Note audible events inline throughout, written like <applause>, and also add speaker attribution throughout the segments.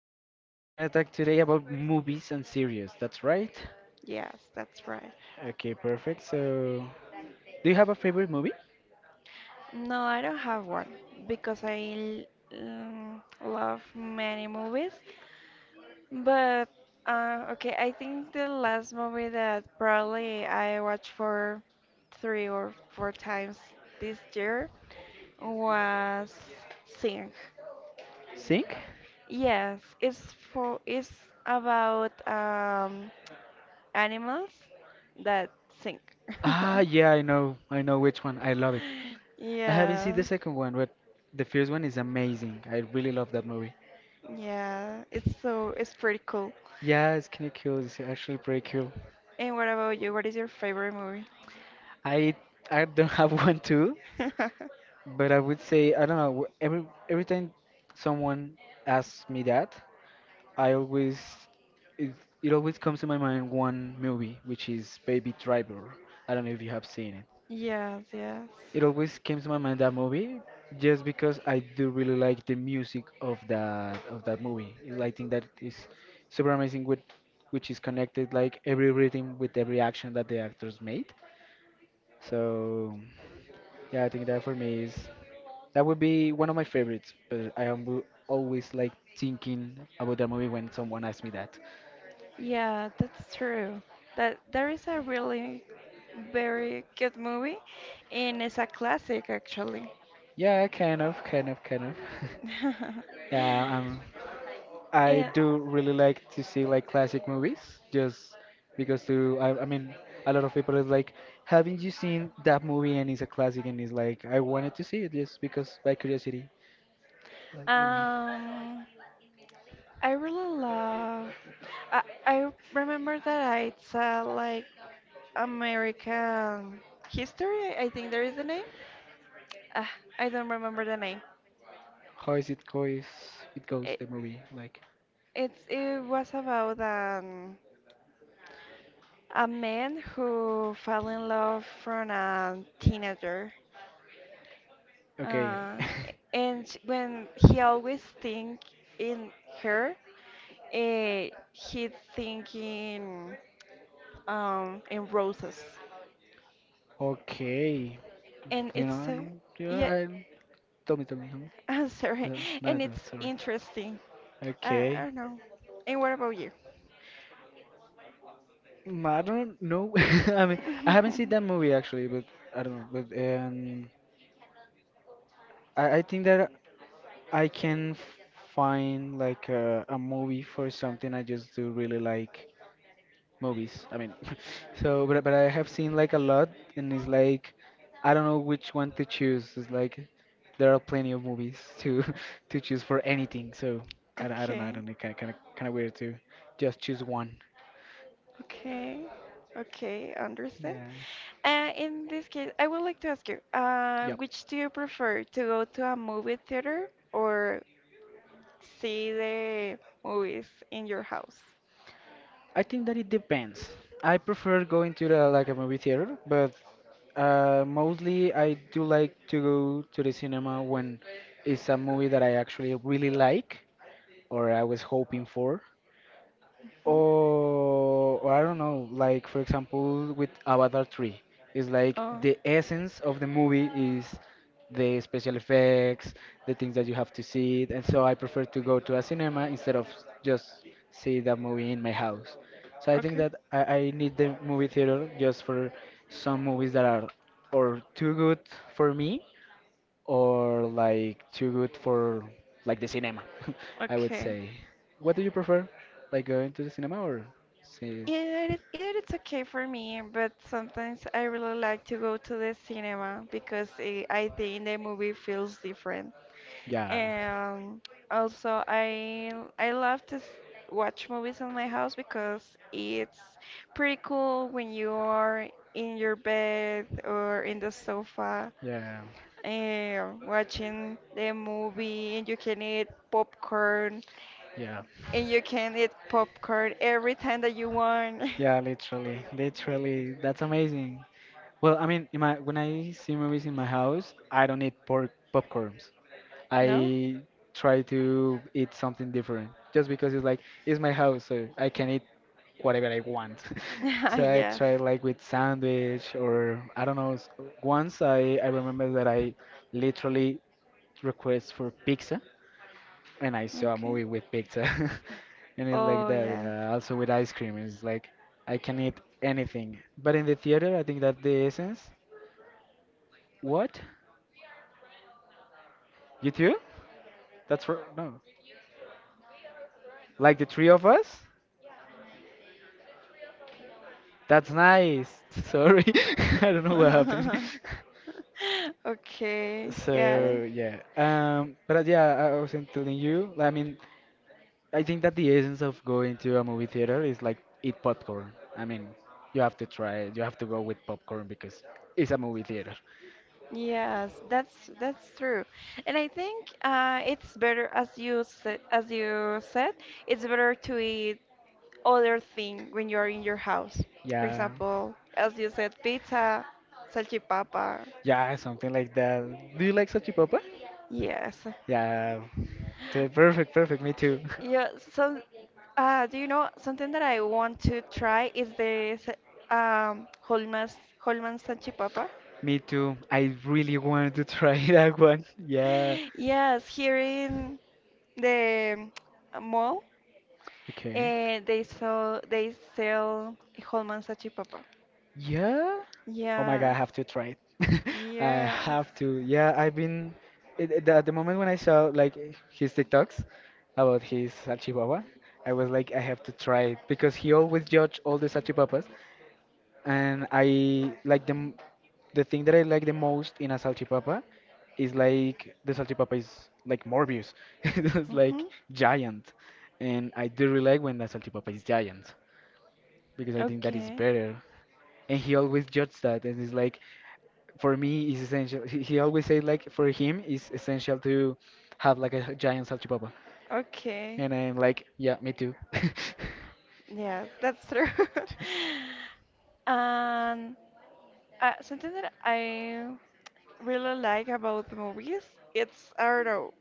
Speaker 1: So, we're gonna talk today about movies and series, that's right?
Speaker 2: Yes, that's right.
Speaker 1: Okay, perfect. So, do you have a favorite movie?
Speaker 2: No, I don't have one because I love many movies. But okay, I think the last movie that probably I watched for three or four times this year was Sing.
Speaker 1: Sink?
Speaker 2: Yes, it's about animals that sing. <laughs>
Speaker 1: Ah, yeah, I know. I know which one. I love it. I haven't seen the
Speaker 2: Yes.
Speaker 1: second one, but the first one is amazing. I really love that movie.
Speaker 2: Yeah, it's pretty cool.
Speaker 1: Yeah, it's kinda cool. It's actually pretty cool.
Speaker 2: And what about you? What is your favorite movie?
Speaker 1: I I don't have <laughs> one too,
Speaker 2: <laughs>
Speaker 1: but I would say I don't know. Every time someone asks me that, I always it, it always comes to my mind one movie, which is Baby Driver. I don't know if you have seen it.
Speaker 2: Yes, yes.
Speaker 1: It always came to my mind that movie just because I do really like the music of that movie. I think that is super amazing with which is connected like every rhythm with every action that the actors made. So yeah, I think that for me is that would be one of my favorites, but I am always like thinking about that movie when someone asks me that.
Speaker 2: Yeah, that's true. That there is a really very good movie, and it's a classic actually.
Speaker 1: Yeah, kind of, kind of, kind of. <laughs>
Speaker 2: <laughs>
Speaker 1: Yeah, I
Speaker 2: Yeah,
Speaker 1: do really like to see like classic movies, just because to I mean, a lot of people is like, haven't you seen that movie? And it's a classic, and it's like I wanted to see it just because by curiosity, like yeah,
Speaker 2: um, I really love. I, I remember that it's like American history. I think there is a name. Ah, I don't remember the name.
Speaker 1: how is it goes? It goes
Speaker 2: It,
Speaker 1: the movie like
Speaker 2: it was about a man who fell in love from a teenager,
Speaker 1: okay,
Speaker 2: uh, and when he always think in her, he think in roses,
Speaker 1: <laughs> okay,
Speaker 2: and
Speaker 1: you know,
Speaker 2: it's
Speaker 1: I know, yeah,
Speaker 2: yeah,
Speaker 1: I tell me, tell me, tell me.
Speaker 2: <laughs> I'm sorry,
Speaker 1: That's
Speaker 2: and
Speaker 1: not
Speaker 2: it's
Speaker 1: sorry.
Speaker 2: interesting. I
Speaker 1: Okay.
Speaker 2: don't know. And what about you?
Speaker 1: Mm, I don't know. <laughs> I mean, I haven't seen
Speaker 2: <laughs>
Speaker 1: that movie actually, but I don't know. But I think that I find like a movie for something. I just do really like movies. I mean, <laughs> so but I have seen like a lot, and it's like I don't know which one to choose. It's like there are plenty of movies to <laughs> to choose for anything. So I don't know. I
Speaker 2: Okay,
Speaker 1: don't know. Kind of weird to just choose one.
Speaker 2: okay. Okay, understand.
Speaker 1: Yeah.
Speaker 2: In this case, I would like to ask you,
Speaker 1: Yep.
Speaker 2: which do you prefer, to go to a movie theater or see the movies in your house?
Speaker 1: I think that it depends. I prefer going to the like a movie theater, but mostly I do like to go to the cinema when it's a movie that I actually really like or I was hoping for
Speaker 2: Mhm.
Speaker 1: or I don't know, like for example with Avatar 3, it's like
Speaker 2: Oh,
Speaker 1: the essence of the movie is the special effects, the things that you have to see, and so I prefer to go to a cinema instead of just see the movie in my house. So I think
Speaker 2: okay,
Speaker 1: that I need the movie theater just for some movies that are or too good for me or like too good for like the cinema. <laughs> I would
Speaker 2: okay.
Speaker 1: say. What do you prefer? Like going to the cinema or see?
Speaker 2: Either it's okay for me, but sometimes I really like to go to the cinema because I think the movie feels different.
Speaker 1: Yeah,
Speaker 2: And also, I love to watch movies in my house because it's pretty cool when you are in your bed or in the sofa,
Speaker 1: yeah,
Speaker 2: and watching the movie, and you can eat popcorn,
Speaker 1: yeah,
Speaker 2: and you can eat popcorn every time that you want. <laughs>
Speaker 1: yeah. Literally, literally, that's amazing. Well, I mean, in my when I see movies in my house, I don't eat pork popcorns.
Speaker 2: No?
Speaker 1: I try to eat something different just because it's like it's my house, so I can eat whatever I want. <laughs> So I
Speaker 2: <laughs> Yes.
Speaker 1: try like with sandwich or I don't know. Once I remember that I literally request for pizza and I saw a
Speaker 2: Okay.
Speaker 1: movie with pizza. <laughs> And it's like
Speaker 2: Oh,
Speaker 1: that.
Speaker 2: yeah.
Speaker 1: Also with ice cream, it's like I can eat anything. But in the theater, I think that the essence. What? You too? That's for no. Like the three of us? That's nice. <laughs> Sorry, <laughs> I don't know what happened. <laughs>
Speaker 2: <laughs> Okay, got it.
Speaker 1: So yeah, but yeah, I was telling you. I mean, I think that the essence of going to a movie theater is like eat popcorn. I mean, you have to try it. You have to go with popcorn because it's a movie theater.
Speaker 2: Yes, that's true. And I think it's better, as you said, it's better to eat other thing when you're in your house. For
Speaker 1: Yeah,
Speaker 2: example, as you said, pizza, salchipapa.
Speaker 1: yeah, something like that. Do you like Sachi Papa?
Speaker 2: Yes.
Speaker 1: Yeah, perfect, perfect. Me too.
Speaker 2: Yeah, so do you know something that I want to try is the Holman's salchipapa? <laughs>
Speaker 1: <laughs> Me too. I really wanted to try <laughs> that one. Yeah.
Speaker 2: Yes, here in the mall,
Speaker 1: Okay.
Speaker 2: and they sell Holman's salchipapa.
Speaker 1: Yeah. Oh my god, I
Speaker 2: Yes,
Speaker 1: have to try it. <laughs> I
Speaker 2: yes.
Speaker 1: have to. Yeah, I've been at the moment when I saw like his TikToks about his salchipapa, I was like, I have to try it
Speaker 2: <laughs>
Speaker 1: because he always judge all the salchipapas, and I like the thing that I like the most in a salchipapa is like the salchipapa is like Morbius. <laughs> It's like
Speaker 2: Mm-hmm.
Speaker 1: giant, and I do really like when the salchipapa is giant because I think that is
Speaker 2: Okay.
Speaker 1: better. And he always judged that, and it's like, for me, it's essential. He always said like, for him, it's essential to have like a giant salchipapa.
Speaker 2: Okay.
Speaker 1: And I'm like, yeah, me too. <laughs>
Speaker 2: Yeah, that's true. <laughs> And something that I really like about the movies, it's, I don't know,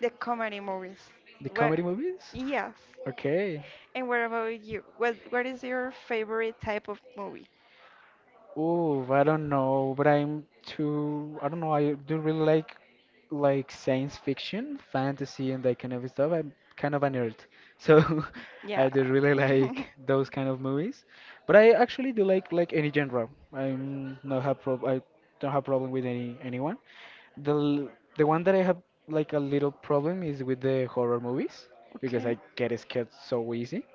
Speaker 2: the comedy movies.
Speaker 1: The
Speaker 2: Well,
Speaker 1: comedy movies?
Speaker 2: yes.
Speaker 1: Okay.
Speaker 2: And what about you? What is your favorite type of movie?
Speaker 1: Oh, I don't know, but I'm too. I don't know. I do really like science fiction, fantasy, and that kind of stuff. I'm kind of a nerd, so <laughs>
Speaker 2: Yeah.
Speaker 1: I do really
Speaker 2: <laughs>
Speaker 1: like those kind of movies. But I actually do like any genre. I don't have problem with anyone. The l- the one that I have like a little problem is with the horror movies because
Speaker 2: Okay.
Speaker 1: I get scared so easy.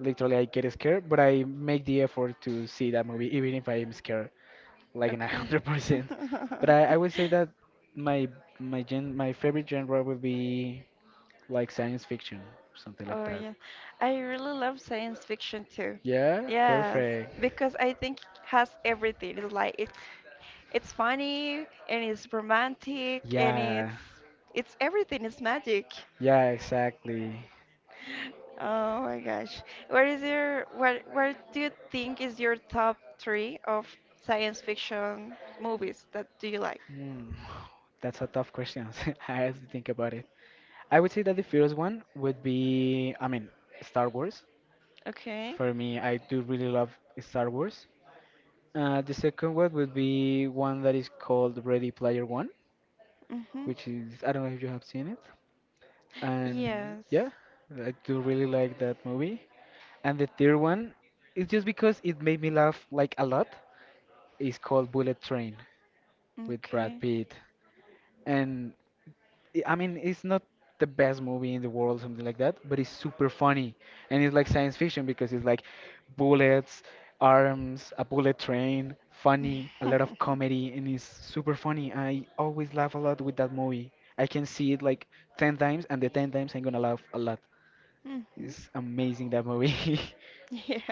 Speaker 1: Literally, I get scared, but I make the effort to see that movie even if I am scared like in a <laughs>
Speaker 2: Okay.
Speaker 1: 100%. But I
Speaker 2: <laughs>
Speaker 1: would say that my my favorite genre would be like science fiction, something like
Speaker 2: Oh
Speaker 1: that.
Speaker 2: yeah. I really love science fiction too.
Speaker 1: Yeah,
Speaker 2: Yes,
Speaker 1: perfect.
Speaker 2: because I think it has everything. It's like it's funny, and it's romantic, and
Speaker 1: Yeah,
Speaker 2: it's everything. It's magic.
Speaker 1: yeah, exactly.
Speaker 2: Oh my gosh. What do you think is your top three of science fiction movies that do you like?
Speaker 1: Hmm. <sighs> That's a tough question. <laughs> I have to think about it. I would say that the first one would be, I mean, Star Wars.
Speaker 2: Okay.
Speaker 1: For me, I do really love Star Wars. The second one would be one that is called Ready Player One,
Speaker 2: Mm-hmm.
Speaker 1: which is, I don't know if you have seen it. And yeah,
Speaker 2: Yes.
Speaker 1: I do really like that movie. And the third one is just because it made me laugh like a lot. It's called Bullet Train with Brad
Speaker 2: Okay.
Speaker 1: Pitt, and I mean it's not the best movie in the world, something like that, but it's super funny and it's like science fiction because it's like bullets, arms, a bullet train, funny, a lot of
Speaker 2: <laughs>
Speaker 1: comedy, and it's super funny. I always laugh a lot with that movie. I can see it like 10 times, and the 10 times I'm gonna laugh a lot.
Speaker 2: Mm-hmm.
Speaker 1: It's amazing that movie. <laughs>
Speaker 2: <laughs> Yes.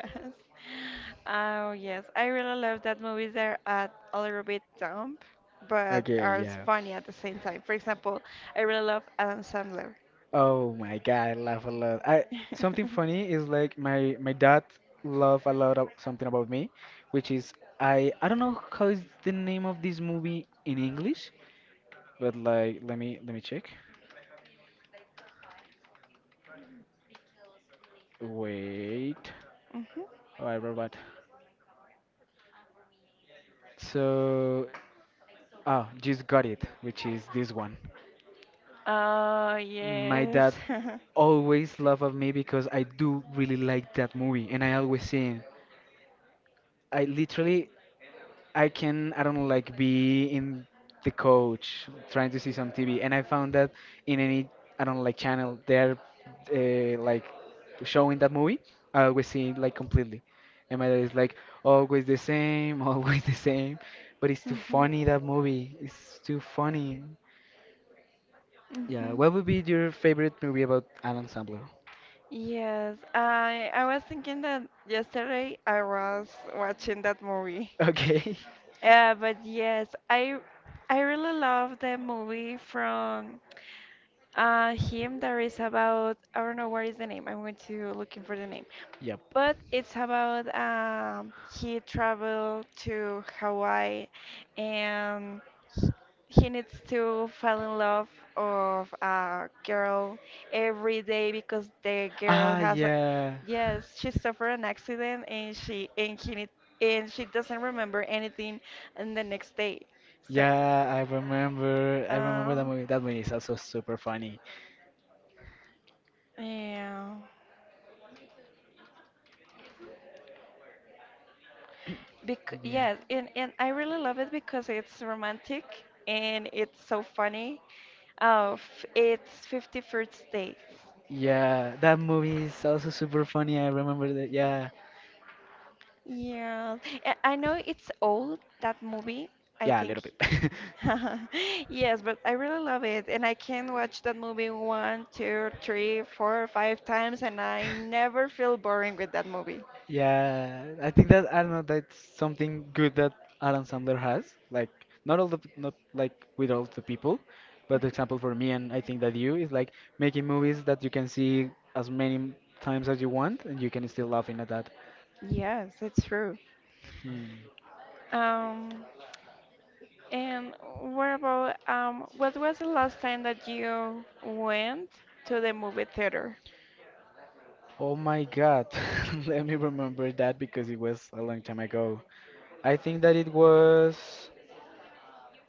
Speaker 2: Oh, yes. I really love that movies that are a little bit dumb, but
Speaker 1: Okay,
Speaker 2: are
Speaker 1: yeah.
Speaker 2: funny at the same time. For example, I really love Adam Sandler.
Speaker 1: Oh my god, I laugh a lot. I something funny is
Speaker 2: <laughs>
Speaker 1: like my dad love a lot of something about me, which is I don't know how is the name of this movie in English, but like let me check. Wait.
Speaker 2: Mhm.
Speaker 1: Oh, I robot. So ah, just got it, which is this one.
Speaker 2: Oh,
Speaker 1: My
Speaker 2: yes.
Speaker 1: dad
Speaker 2: <laughs>
Speaker 1: always love of me because I do really like that movie and I always see it. I literally I can I don't like be in the coach trying to see some TV, and I found that in any I don't like channel they're like showing that movie, I always see it like completely, and my dad is like always the same, <laughs> always the same, but it's too
Speaker 2: Mhm.
Speaker 1: funny that movie, it's too funny. Yeah,
Speaker 2: Mhm.
Speaker 1: what would be your favorite movie about Alan Sandler? <laughs>
Speaker 2: Yes, I was thinking that yesterday I was watching that movie.
Speaker 1: Okay,
Speaker 2: But yes, I really love the movie from him that is about, I don't know what is the name. I'm going to looking for the name.
Speaker 1: yep.
Speaker 2: But it's about he traveled to Hawaii, and he needs to fall in love of a girl every day because the girl
Speaker 1: Ah,
Speaker 2: has a,
Speaker 1: yeah.
Speaker 2: yes, she suffered an accident, and she and he need, and she doesn't remember anything, and the next day, so
Speaker 1: Yeah, I remember. I
Speaker 2: uh
Speaker 1: remember that movie. That movie is also super funny.
Speaker 2: yeah, because
Speaker 1: Yeah.
Speaker 2: yeah, and I really love it because it's romantic and it's so funny, of it's 51st first dates.
Speaker 1: Yeah, that movie is also super funny. I remember that. Yeah.
Speaker 2: Yeah, I know it's old, that movie, I
Speaker 1: Yeah, a
Speaker 2: think.
Speaker 1: little bit. <laughs>
Speaker 2: <laughs> Yes, but I really love it, and I can watch that movie one, two, three, four, five times, and I never feel boring with that movie.
Speaker 1: Yeah, I think that I don't know. That's something good that Adam Sandler has. Like not all not like with all the people, but the example for me and I think that you is like making movies that you can see as many times as you want and you can still laughing at that.
Speaker 2: Yes, it's true.
Speaker 1: Hmm.
Speaker 2: Um, and what about, what was the last time that you went to the movie theater?
Speaker 1: Oh my God. <laughs> Let me remember that because it was a long time ago. I think that it was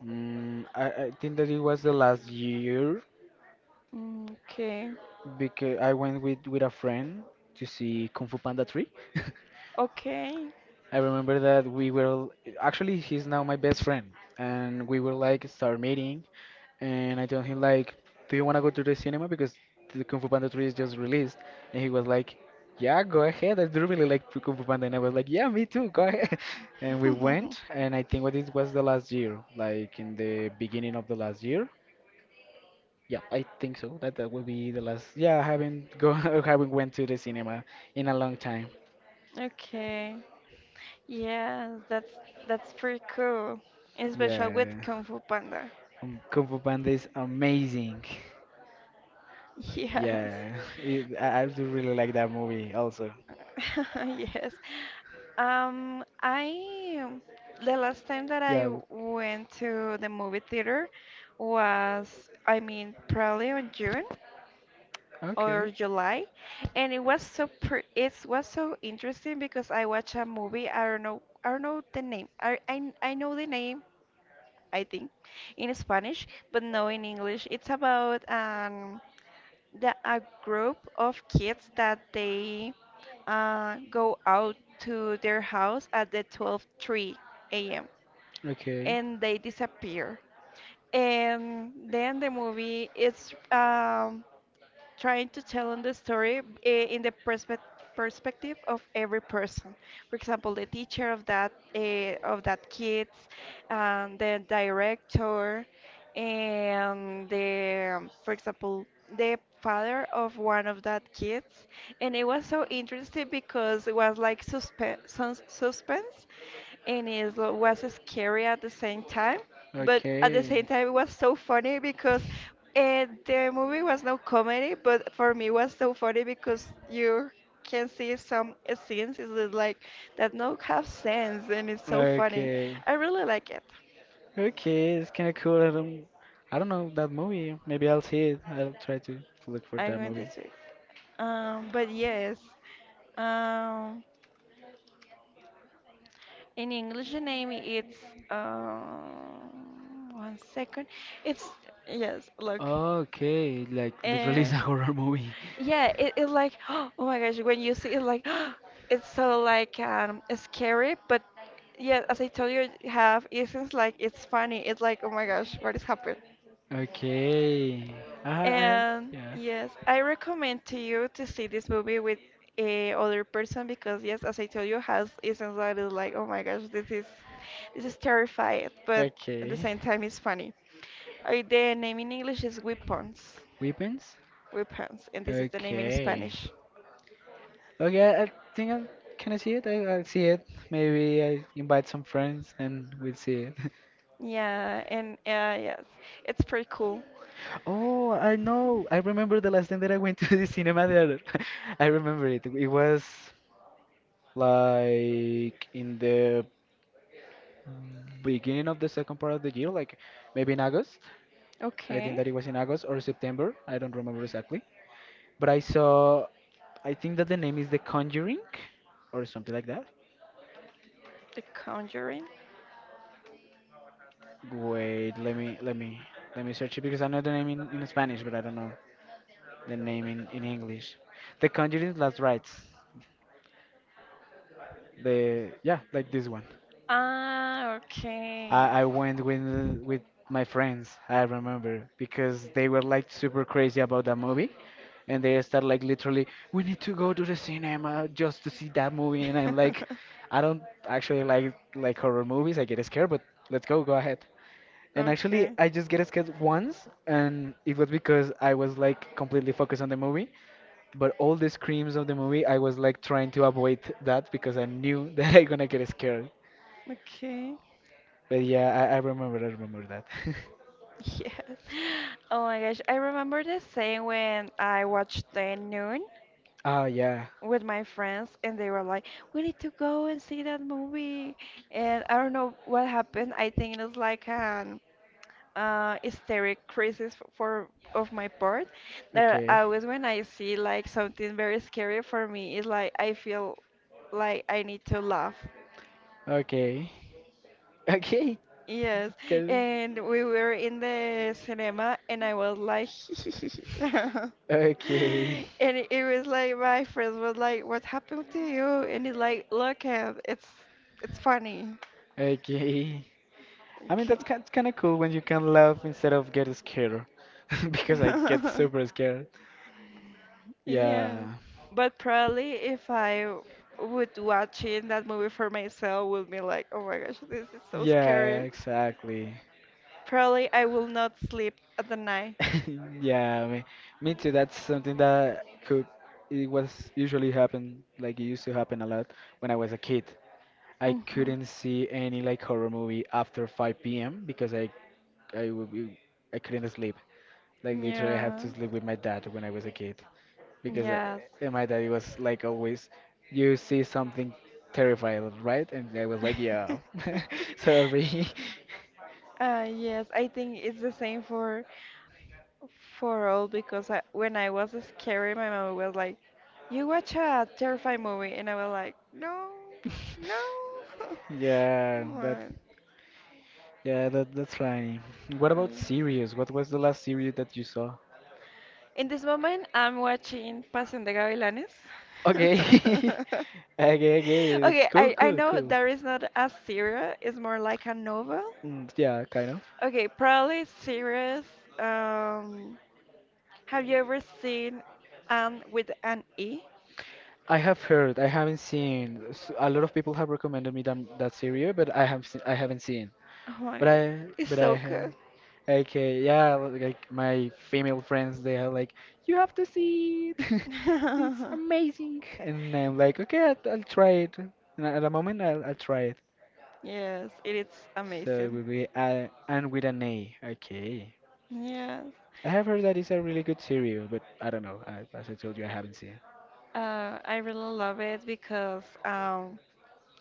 Speaker 1: mm, I think that it was the last year
Speaker 2: Mm. Okay,
Speaker 1: because I went with a friend to see Kung Fu Panda 3. <laughs>
Speaker 2: okay,
Speaker 1: I remember that we were actually he's now my best friend and we were like start meeting. And I told him like, "Do you want to go to the cinema because the Kung Fu Panda 3 is just released?" And he was like, "Yeah, go ahead. I do really like Kung Fu Panda." And I was like, "Yeah, me too. Go ahead." <laughs> And we went,
Speaker 2: <laughs>
Speaker 1: and I think what this was the last year, like in the beginning of the last year. Yeah, I think so. That that will be the last. Yeah, I haven't go <laughs> I haven't went to the cinema in a long time.
Speaker 2: okay. Yeah, that's pretty cool, especially
Speaker 1: Yeah,
Speaker 2: with Kung Fu Panda.
Speaker 1: Kung Fu Panda is amazing.
Speaker 2: Yes. <laughs>
Speaker 1: Yeah, <laughs> I do really like that movie also.
Speaker 2: Yes. I The last time that
Speaker 1: Yeah.
Speaker 2: I went to the movie theater was, I mean, probably on June
Speaker 1: Okay.
Speaker 2: or July, and it was so interesting because I watched a movie. I don't know the name. I know the name, I think, in Spanish, but no in English. It's about a group of kids that they go out to their house at the 12:03 a.m.
Speaker 1: Okay.
Speaker 2: and they disappear. And then the movie is trying to tell in the story, in the perspective of every person. For example, the teacher of that, kids, the director, and the for example, the father of one of that kids. And it was so interesting because it was like suspense, and it was scary at the same time, but at the same
Speaker 1: Okay.
Speaker 2: time it was so funny because the movie was no comedy, but for me it was so funny because you can see some scenes is that, like that no have sense, and it's so funny.
Speaker 1: Okay.
Speaker 2: I really like it.
Speaker 1: Okay, it's kind of cool. I don't know that movie. Maybe I'll see it. I'll try to look for
Speaker 2: I'm
Speaker 1: that
Speaker 2: going
Speaker 1: movie.
Speaker 2: to say, but yes, um in English name, it's, uh, one second. It's, yes. Look.
Speaker 1: Okay, like literally <laughs>
Speaker 2: Uh,
Speaker 1: it's a horror movie.
Speaker 2: yeah, it like <gasps> oh my gosh, when you see it like <gasps> it's so like scary, but yeah, as I told you, have isn't like it's funny. It's like, oh my gosh, what is happening?
Speaker 1: Okay. I, I,
Speaker 2: And
Speaker 1: yeah.
Speaker 2: yes, I recommend to you to see this movie with a other person because yes, as I told you, House is anxiety is like, oh my gosh, this is terrifying, but at the
Speaker 1: Okay.
Speaker 2: same time it's funny. The name in English is Weapons,
Speaker 1: Weapons?
Speaker 2: And this is the name in
Speaker 1: Okay.
Speaker 2: Spanish.
Speaker 1: Okay, I think I can I see it? I'll see it. Maybe I invite some friends and we'll see it. <laughs>
Speaker 2: Yeah, and yes, it's pretty cool.
Speaker 1: Oh, I know. I remember the last time that I went to <laughs> the cinema there. <laughs> I remember it. It was like in the beginning of the second part of the year, like maybe in August. I think
Speaker 2: Okay,
Speaker 1: that it was in August or September. I don't remember exactly. But I saw, I think that the name is The Conjuring or something like that.
Speaker 2: The Conjuring.
Speaker 1: Wait, let me let me search it because I know the name in Spanish, but I don't know the name in English. The Conjuring Last Rites. The yeah, like this one.
Speaker 2: Ah, okay.
Speaker 1: I went with my friends, I remember, because they were like super crazy about that movie. And they start like literally, we need to go to the cinema just to see that movie. And I'm like, I don't
Speaker 2: <laughs>
Speaker 1: actually like horror movies. I get scared, but let's go, go ahead. And actually,
Speaker 2: Okay.
Speaker 1: I just get scared once, and it was because I was like completely focused on the movie. But all the screams of the movie, I was like trying to avoid that because I knew <laughs> that I gonna get scared.
Speaker 2: Okay.
Speaker 1: But yeah, I remember that. <laughs>
Speaker 2: Yes. <laughs> Oh my gosh. I remember the saying when I watched The Noon
Speaker 1: Oh yeah.
Speaker 2: with my friends, and they were like, "We need to go and see that movie," and I don't know what happened. I think it was like a hysteric crisis for of my part, that
Speaker 1: Okay.
Speaker 2: I always when I see like something very scary, for me it's like I feel like I need to laugh.
Speaker 1: Okay. <laughs> Okay. That's
Speaker 2: Yes,
Speaker 1: good.
Speaker 2: and we were in the cinema, and I was like <laughs>
Speaker 1: Okay. <laughs>
Speaker 2: and it was like my friends was like, what happened to you, and it's like, look at it's funny.
Speaker 1: Okay. I mean
Speaker 2: Okay.
Speaker 1: that's kind of cool when you can laugh instead of get scared <laughs> because I get super
Speaker 2: <laughs>
Speaker 1: scared.
Speaker 2: Yeah,
Speaker 1: Yeah.
Speaker 2: but probably if I would watching that movie for myself would be like, oh my gosh, this is so
Speaker 1: Yeah,
Speaker 2: scary.
Speaker 1: exactly.
Speaker 2: Probably I will not sleep at the night.
Speaker 1: <laughs> Yeah, me, me too. That's something that could it was usually happen like it used to happen a lot when I was a kid. I
Speaker 2: Hmm.
Speaker 1: couldn't see any like horror movie after 5 p.m. because I would be, I couldn't sleep. Like literally, I have
Speaker 2: Yeah.
Speaker 1: to sleep with my dad when I was a kid because
Speaker 2: Yes.
Speaker 1: and my daddy was like always, you see something terrifying, right? And I was like, yeah,
Speaker 2: <laughs>
Speaker 1: <laughs> sorry.
Speaker 2: Yes, I think it's the same for all because, when I was scary, my mom was like, "You watch a terrifying movie," and I was like, "No, no."
Speaker 1: <laughs> yeah, that
Speaker 2: <laughs>
Speaker 1: yeah that's funny. What
Speaker 2: But, yeah.
Speaker 1: about series? What was the last series that you saw?
Speaker 2: In this moment, I'm watching Pasión de Gavilanes.
Speaker 1: Okay, <laughs>
Speaker 2: <laughs>
Speaker 1: okay, okay. That's
Speaker 2: Okay,
Speaker 1: cool,
Speaker 2: I
Speaker 1: cool,
Speaker 2: know
Speaker 1: cool.
Speaker 2: there is not a serial, it's more like a novel.
Speaker 1: Mm, yeah, kind of.
Speaker 2: Okay, probably series. Um, have you ever seen Anne with an E?
Speaker 1: I have heard, I haven't seen. A lot of people have recommended me that that series, but I have I haven't seen.
Speaker 2: Oh my
Speaker 1: But
Speaker 2: god,
Speaker 1: I
Speaker 2: it's
Speaker 1: but I
Speaker 2: so
Speaker 1: ha-
Speaker 2: good.
Speaker 1: okay yeah like my female friends they are like you have to see it, <laughs> it's
Speaker 2: <laughs>
Speaker 1: amazing, and I'm like okay I'll try it. And at the moment I'll try it.
Speaker 2: Yes, it is
Speaker 1: So it
Speaker 2: amazing.
Speaker 1: will be and with an A. Okay,
Speaker 2: Yes,
Speaker 1: I have heard that it's a really good series, but I don't know. I, as I told you, I haven't seen it.
Speaker 2: I really love it because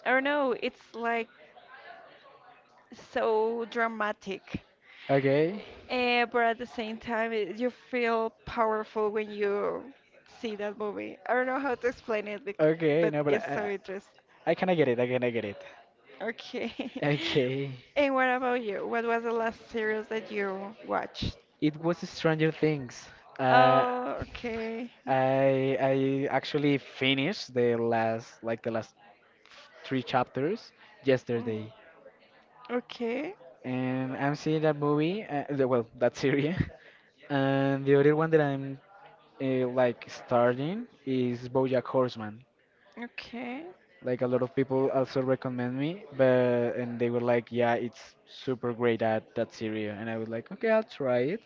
Speaker 2: I don't know, it's like so dramatic.
Speaker 1: Okay,
Speaker 2: But at the same time, you feel powerful when you see that movie. I don't know how to explain it,
Speaker 1: okay
Speaker 2: but
Speaker 1: no, but
Speaker 2: it's so interesting.
Speaker 1: I kind of get it. I kind of get it.
Speaker 2: Okay. <laughs>
Speaker 1: Okay,
Speaker 2: And what about you? What was the last series that you watched?
Speaker 1: it was Stranger Things. Uh,
Speaker 2: Oh, okay.
Speaker 1: I actually finished the last like the last three chapters
Speaker 2: Mm.
Speaker 1: yesterday,
Speaker 2: Okay.
Speaker 1: and I'm seeing that movie. Well, that series, <laughs> and the other one that I'm like starting is BoJack Horseman.
Speaker 2: Okay.
Speaker 1: Like a lot of people also recommend me, but and they were like, yeah, it's super great at that series, and I was like, okay, I'll try it.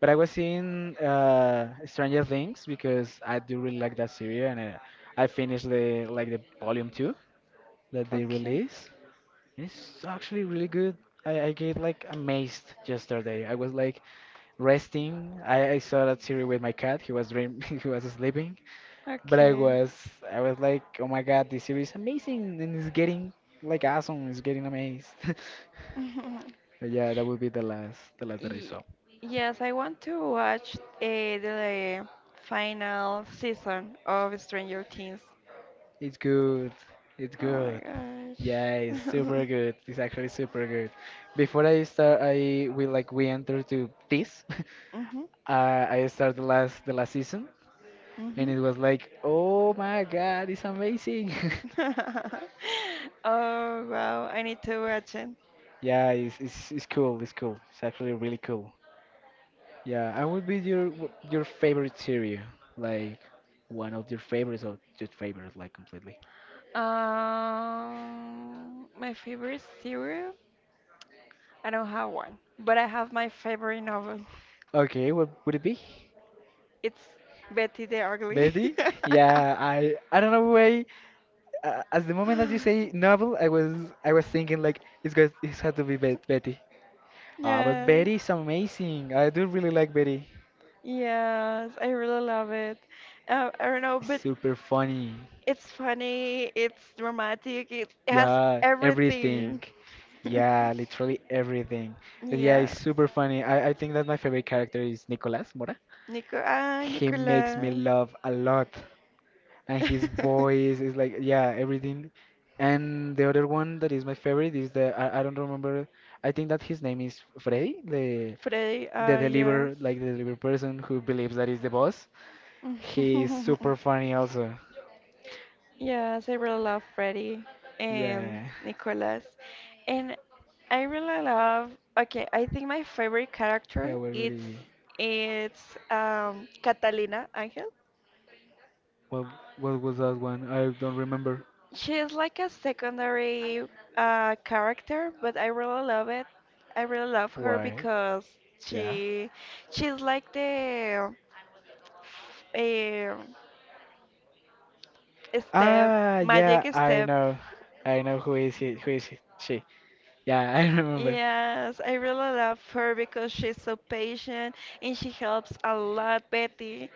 Speaker 1: But I was seeing Stranger Things because I do really like that series, and I finished the like the volume two that they
Speaker 2: Okay.
Speaker 1: released. And it's actually really good. I get like amazed yesterday. I was like resting. I saw that series with my cat. He was dream <laughs> he was sleeping. But
Speaker 2: Okay.
Speaker 1: I was like, oh my god, this series is amazing and it's getting like awesome. It's getting amazed. <laughs>
Speaker 2: <laughs>
Speaker 1: But yeah, that would be the last that I
Speaker 2: Ye-
Speaker 1: saw.
Speaker 2: Yes, I want to watch the final season of Stranger Things.
Speaker 1: It's good. It's
Speaker 2: Oh
Speaker 1: good.
Speaker 2: my
Speaker 1: Yeah, it's
Speaker 2: gosh.
Speaker 1: super good.
Speaker 2: <laughs>
Speaker 1: It's actually super good. Before I start, I we like we enter to this.
Speaker 2: Mhm,
Speaker 1: <laughs> I started the last season, and
Speaker 2: mhm.
Speaker 1: it was like, oh my god, it's amazing.
Speaker 2: <laughs> Oh wow, I need to watch it.
Speaker 1: <laughs> yeah, it's it's cool. It's cool. It's actually really cool. Yeah, and would be your your favorite series, like one of your favorites or your favorite, like completely.
Speaker 2: My favorite cereal? I don't have one, but I have my favorite novel. <laughs>
Speaker 1: Okay, what would it be?
Speaker 2: It's Betty the Ugly.
Speaker 1: Betty? Yeah, I don't know why as the moment that you say novel, I was
Speaker 2: <laughs>
Speaker 1: thinking like it's had to be Betty. Ah, but
Speaker 2: Yeah.
Speaker 1: Betty is amazing. I do really like Betty.
Speaker 2: Yes, I really love it. I don't know,
Speaker 1: It's
Speaker 2: but
Speaker 1: super funny.
Speaker 2: it's funny, it's dramatic, it has
Speaker 1: Yeah, everything.
Speaker 2: everything. <laughs>
Speaker 1: Yeah, literally everything. But yeah,
Speaker 2: Yes.
Speaker 1: it's super funny. I think that my favorite character is Nicolas Mora.
Speaker 2: Nico, ah,
Speaker 1: He makes me
Speaker 2: Nicolas.
Speaker 1: laugh a lot. And his
Speaker 2: <laughs>
Speaker 1: voice is like yeah everything. And the other one that is my favorite is I don't remember, I think that his name is Frey
Speaker 2: Freddy,
Speaker 1: the
Speaker 2: ah,
Speaker 1: deliver
Speaker 2: yes.
Speaker 1: like the deliver person who believes that he's the boss. He is
Speaker 2: <laughs>
Speaker 1: super funny also.
Speaker 2: Yes, I really love Freddy and
Speaker 1: Yeah.
Speaker 2: Nicholas. And I really love, okay, I think my favorite character
Speaker 1: Yeah well
Speaker 2: it's
Speaker 1: really.
Speaker 2: it's um Catalina Angel.
Speaker 1: what what was that one, I don't remember.
Speaker 2: She's like a secondary character, but I really love it. I really love her
Speaker 1: Why,
Speaker 2: because
Speaker 1: yeah.
Speaker 2: she she's like the um step
Speaker 1: Ah
Speaker 2: magic
Speaker 1: yeah I
Speaker 2: step.
Speaker 1: know, I know who is he, she, yeah. <laughs> I remember.
Speaker 2: Yes, I really love her because she's so patient, and she helps a lot Betty.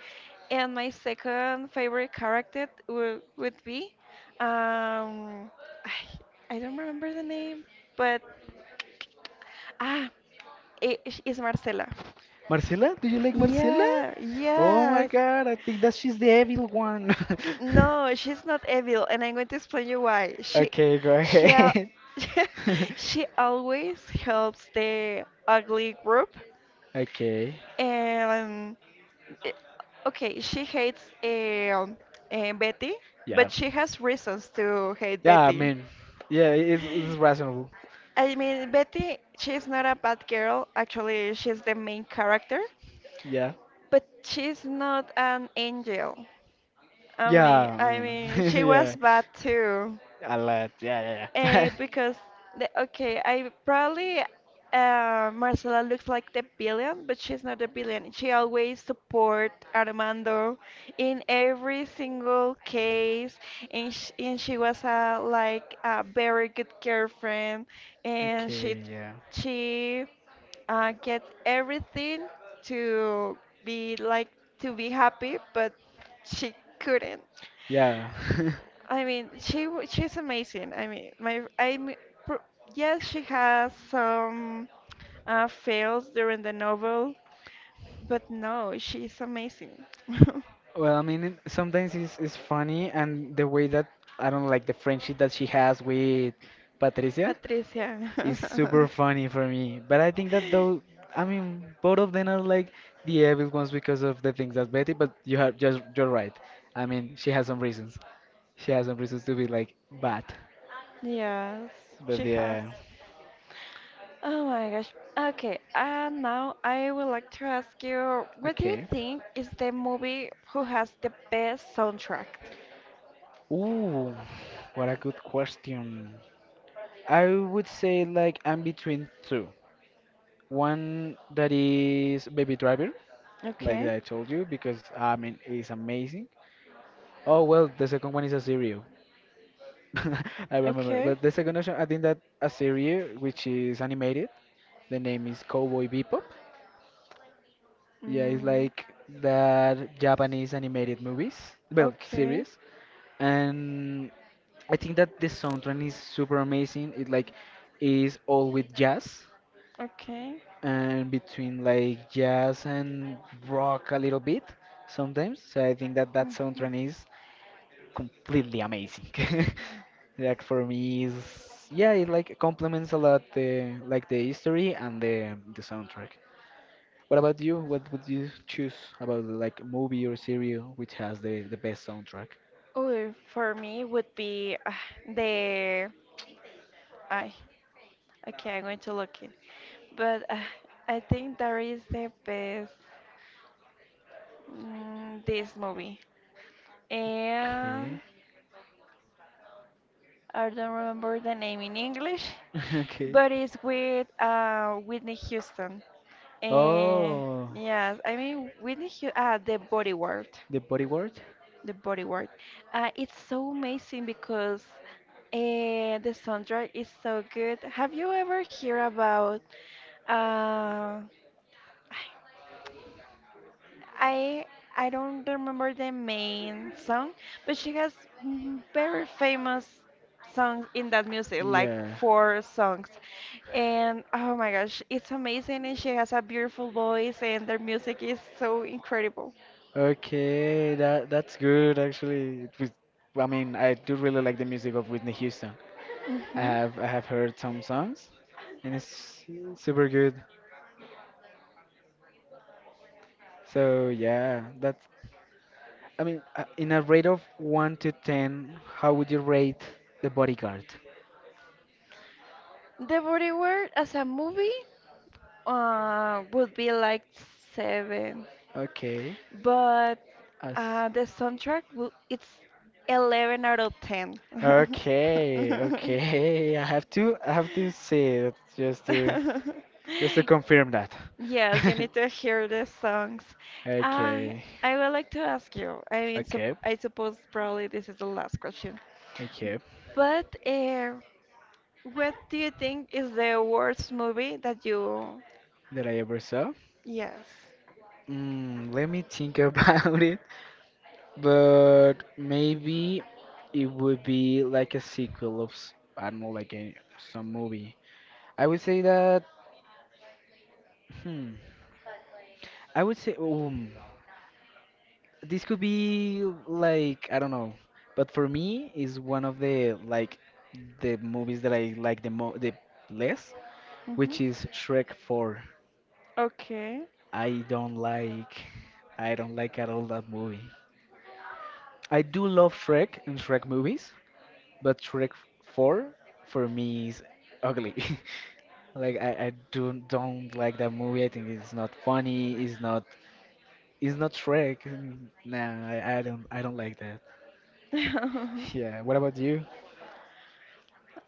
Speaker 2: And my second favorite character would be, um I, I don't remember the name, but ah it is Marcela.
Speaker 1: Marcela? Do you like Marcela?
Speaker 2: Yeah,
Speaker 1: Oh my
Speaker 2: yes.
Speaker 1: god, I think that she's the evil one. <laughs>
Speaker 2: No, she's not evil, and I'm going to explain you why. She,
Speaker 1: Okay, go
Speaker 2: she, al-
Speaker 1: ahead. <laughs>
Speaker 2: <laughs> she always helps the ugly group.
Speaker 1: Okay,
Speaker 2: Um, eh, okay, she hates Betty,
Speaker 1: yeah.
Speaker 2: but she has reasons to hate
Speaker 1: Yeah, I
Speaker 2: Betty.
Speaker 1: mean, yeah, it's reasonable.
Speaker 2: I mean, Betty, she's not a bad girl. Actually, she's the main character,
Speaker 1: Yeah.
Speaker 2: but she's not an angel. I
Speaker 1: Yeah,
Speaker 2: mean,
Speaker 1: I mean, <laughs>
Speaker 2: she
Speaker 1: yeah.
Speaker 2: was bad too.
Speaker 1: A lot, yeah, yeah,
Speaker 2: Because okay, I probably Marcela looks like the billion, but she's not the billion. She always support Armando
Speaker 1: yeah. <laughs>
Speaker 2: in every single case, and sh and she was a like a very good girlfriend, and she
Speaker 1: Okay, yeah.
Speaker 2: she uh, gets everything to be like to be happy, but she couldn't.
Speaker 1: Yeah. <laughs>
Speaker 2: I mean, she's amazing. I mean, my I mean, pr- yes, she has some fails during the novel, but no, she's amazing. <laughs>
Speaker 1: Well, I mean, sometimes it's funny, and the way that I don't like the friendship that she has with Patricia.
Speaker 2: Patricia.
Speaker 1: It's super
Speaker 2: <laughs>
Speaker 1: funny for me, but I think that though, I mean, both of them are like the evil ones because of the things that Betty. But you have just you're right. I mean, she has some reasons. She has some reasons to be like bad.
Speaker 2: Yes, she
Speaker 1: But
Speaker 2: has.
Speaker 1: yeah,
Speaker 2: Oh my gosh. Okay, and now I would like to ask you, what do you
Speaker 1: okay.
Speaker 2: think is the movie who has the best soundtrack?
Speaker 1: Ooh, what a good question. I would say like I'm between two. One that is Baby Driver, like
Speaker 2: Okay,
Speaker 1: I told you, because I mean it's amazing. Oh well, the second one is a Azireo. <laughs> I remember.
Speaker 2: okay.
Speaker 1: But the second option, I think that a series which is animated. The name is Cowboy Bebop. Yeah, it's
Speaker 2: Mm.
Speaker 1: like that Japanese animated movies, well,
Speaker 2: Okay.
Speaker 1: series. And I think that the soundtrack is super amazing. It like is all with jazz
Speaker 2: Okay.
Speaker 1: and between like jazz and rock a little bit sometimes. So I think that that
Speaker 2: Mhm.
Speaker 1: soundtrack is completely amazing. <laughs> like for me is yeah, it like complements a lot the like the history and the soundtrack. What about you? What would you choose about like movie or serial which has the best soundtrack?
Speaker 2: Oh, for me would be the I. Okay, I'm going to look it. But I think that is the best, this movie. And
Speaker 1: Okay.
Speaker 2: I don't remember the name in English,
Speaker 1: <laughs> okay.
Speaker 2: but it's with Whitney Houston. Uh,
Speaker 1: Oh,
Speaker 2: yes, I mean, the body word,
Speaker 1: the body word?
Speaker 2: the body word. It's so amazing because uh, the soundtrack is so good. Have you ever heard about? Uh,
Speaker 1: I
Speaker 2: I I don't remember the main song, but she has, very famous songs in that music, like
Speaker 1: Yeah.
Speaker 2: four songs. And oh my gosh, it's amazing, and she has a beautiful voice, and their music is so incredible.
Speaker 1: Perfect. Okay, that that's good actually. It was, I mean, I do really like the music of Whitney Houston.
Speaker 2: Hmm.
Speaker 1: I have heard some songs, and it's super good. So yeah, that's I mean, in a rate of 1 to 10, how would you rate The Bodyguard?
Speaker 2: The Body Word as a movie would be like seven,
Speaker 1: Okay.
Speaker 2: but
Speaker 1: As
Speaker 2: the soundtrack it's 11 out of 10.
Speaker 1: okay,
Speaker 2: <laughs>
Speaker 1: okay. <laughs> I have to see it just to
Speaker 2: <laughs>
Speaker 1: confirm that.
Speaker 2: Yes,
Speaker 1: <laughs>
Speaker 2: you need to hear the songs. Uh,
Speaker 1: Okay.
Speaker 2: I would like to ask you, I mean, sup
Speaker 1: Okay.
Speaker 2: I suppose probably this is the last question,
Speaker 1: Okay.
Speaker 2: but what do you think is the worst movie that you...
Speaker 1: That I ever saw.
Speaker 2: Yes.
Speaker 1: Mm, let me think <laughs> about it. But maybe it would be like a sequel of s- I don't know, like a some movie. I would say that. Hmm. I would say. Oh. This could be like I don't know, but for me is one of the like the movies that I like the less,
Speaker 2: Hmm.
Speaker 1: which is Shrek 4.
Speaker 2: Okay.
Speaker 1: I don't like I don't like at all that movie. I do love Shrek and Shrek movies, but Shrek 4 for me is ugly. <laughs> Like I do don't like that movie. I think it's not funny. It's not Shrek. Mm, Nah, I don't like that. <laughs>
Speaker 2: <laughs>
Speaker 1: Yeah. What about you?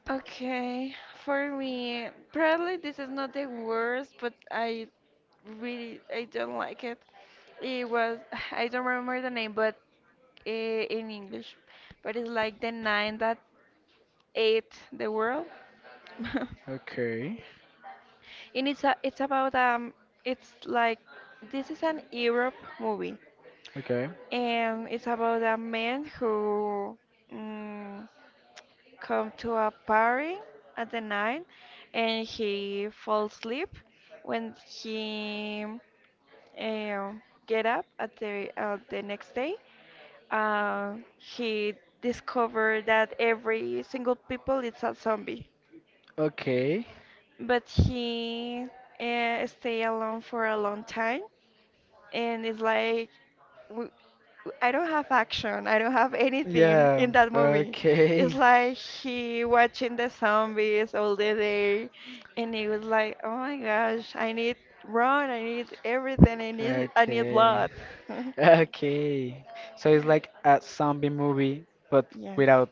Speaker 2: Okay, for me, probably this is not the worst, but I don't like it. It was <sighs> I don't remember the name, but in English, but it's like the nine that ate the world. <laughs>
Speaker 1: Okay.
Speaker 2: And it's about, it's like this is an Europe movie,
Speaker 1: Okay.
Speaker 2: and it's about a man who. mm Come to a party at the night, and he falls asleep, when he, uh, get up at the next day, uh, he discovered that every single people is a zombie,
Speaker 1: Okay.
Speaker 2: but he, stay alone for a long time, and it's like w- I don't have action. I don't have anything
Speaker 1: Yeah.
Speaker 2: in that movie. It's
Speaker 1: Okay.
Speaker 2: like he watching the zombies all the day, and he was like, "Oh my gosh, I need run. I need everything. I need
Speaker 1: Okay.
Speaker 2: blood."
Speaker 1: <laughs>
Speaker 2: <laughs>
Speaker 1: Okay. So it's like a zombie movie, but
Speaker 2: Yes.
Speaker 1: without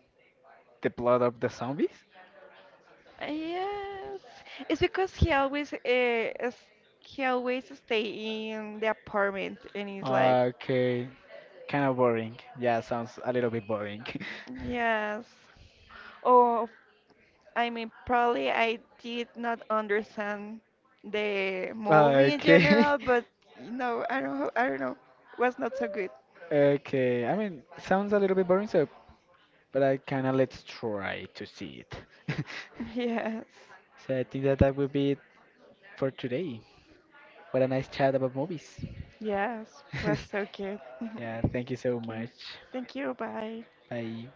Speaker 1: the blood of the zombies?
Speaker 2: Yes. It's because he always stay in the apartment, and he's like,
Speaker 1: Okay. Kind of boring. Yeah, sounds a little bit boring.
Speaker 2: yes. Or, I mean, probably I did not understand the
Speaker 1: <laughs>
Speaker 2: movie in
Speaker 1: Okay.
Speaker 2: general, but I don't know, was not so good. <laughs>
Speaker 1: <laughs> Okay. I mean, sounds a little bit boring, so but I kinda let's try to see it. <laughs>
Speaker 2: Yes,
Speaker 1: so I think that that will be it for today. What a nice chat about movies.
Speaker 2: yes, was so
Speaker 1: <laughs>
Speaker 2: good. <laughs>
Speaker 1: yeah, thank you so
Speaker 2: Okay,
Speaker 1: much.
Speaker 2: thank you. Bye.
Speaker 1: Bye.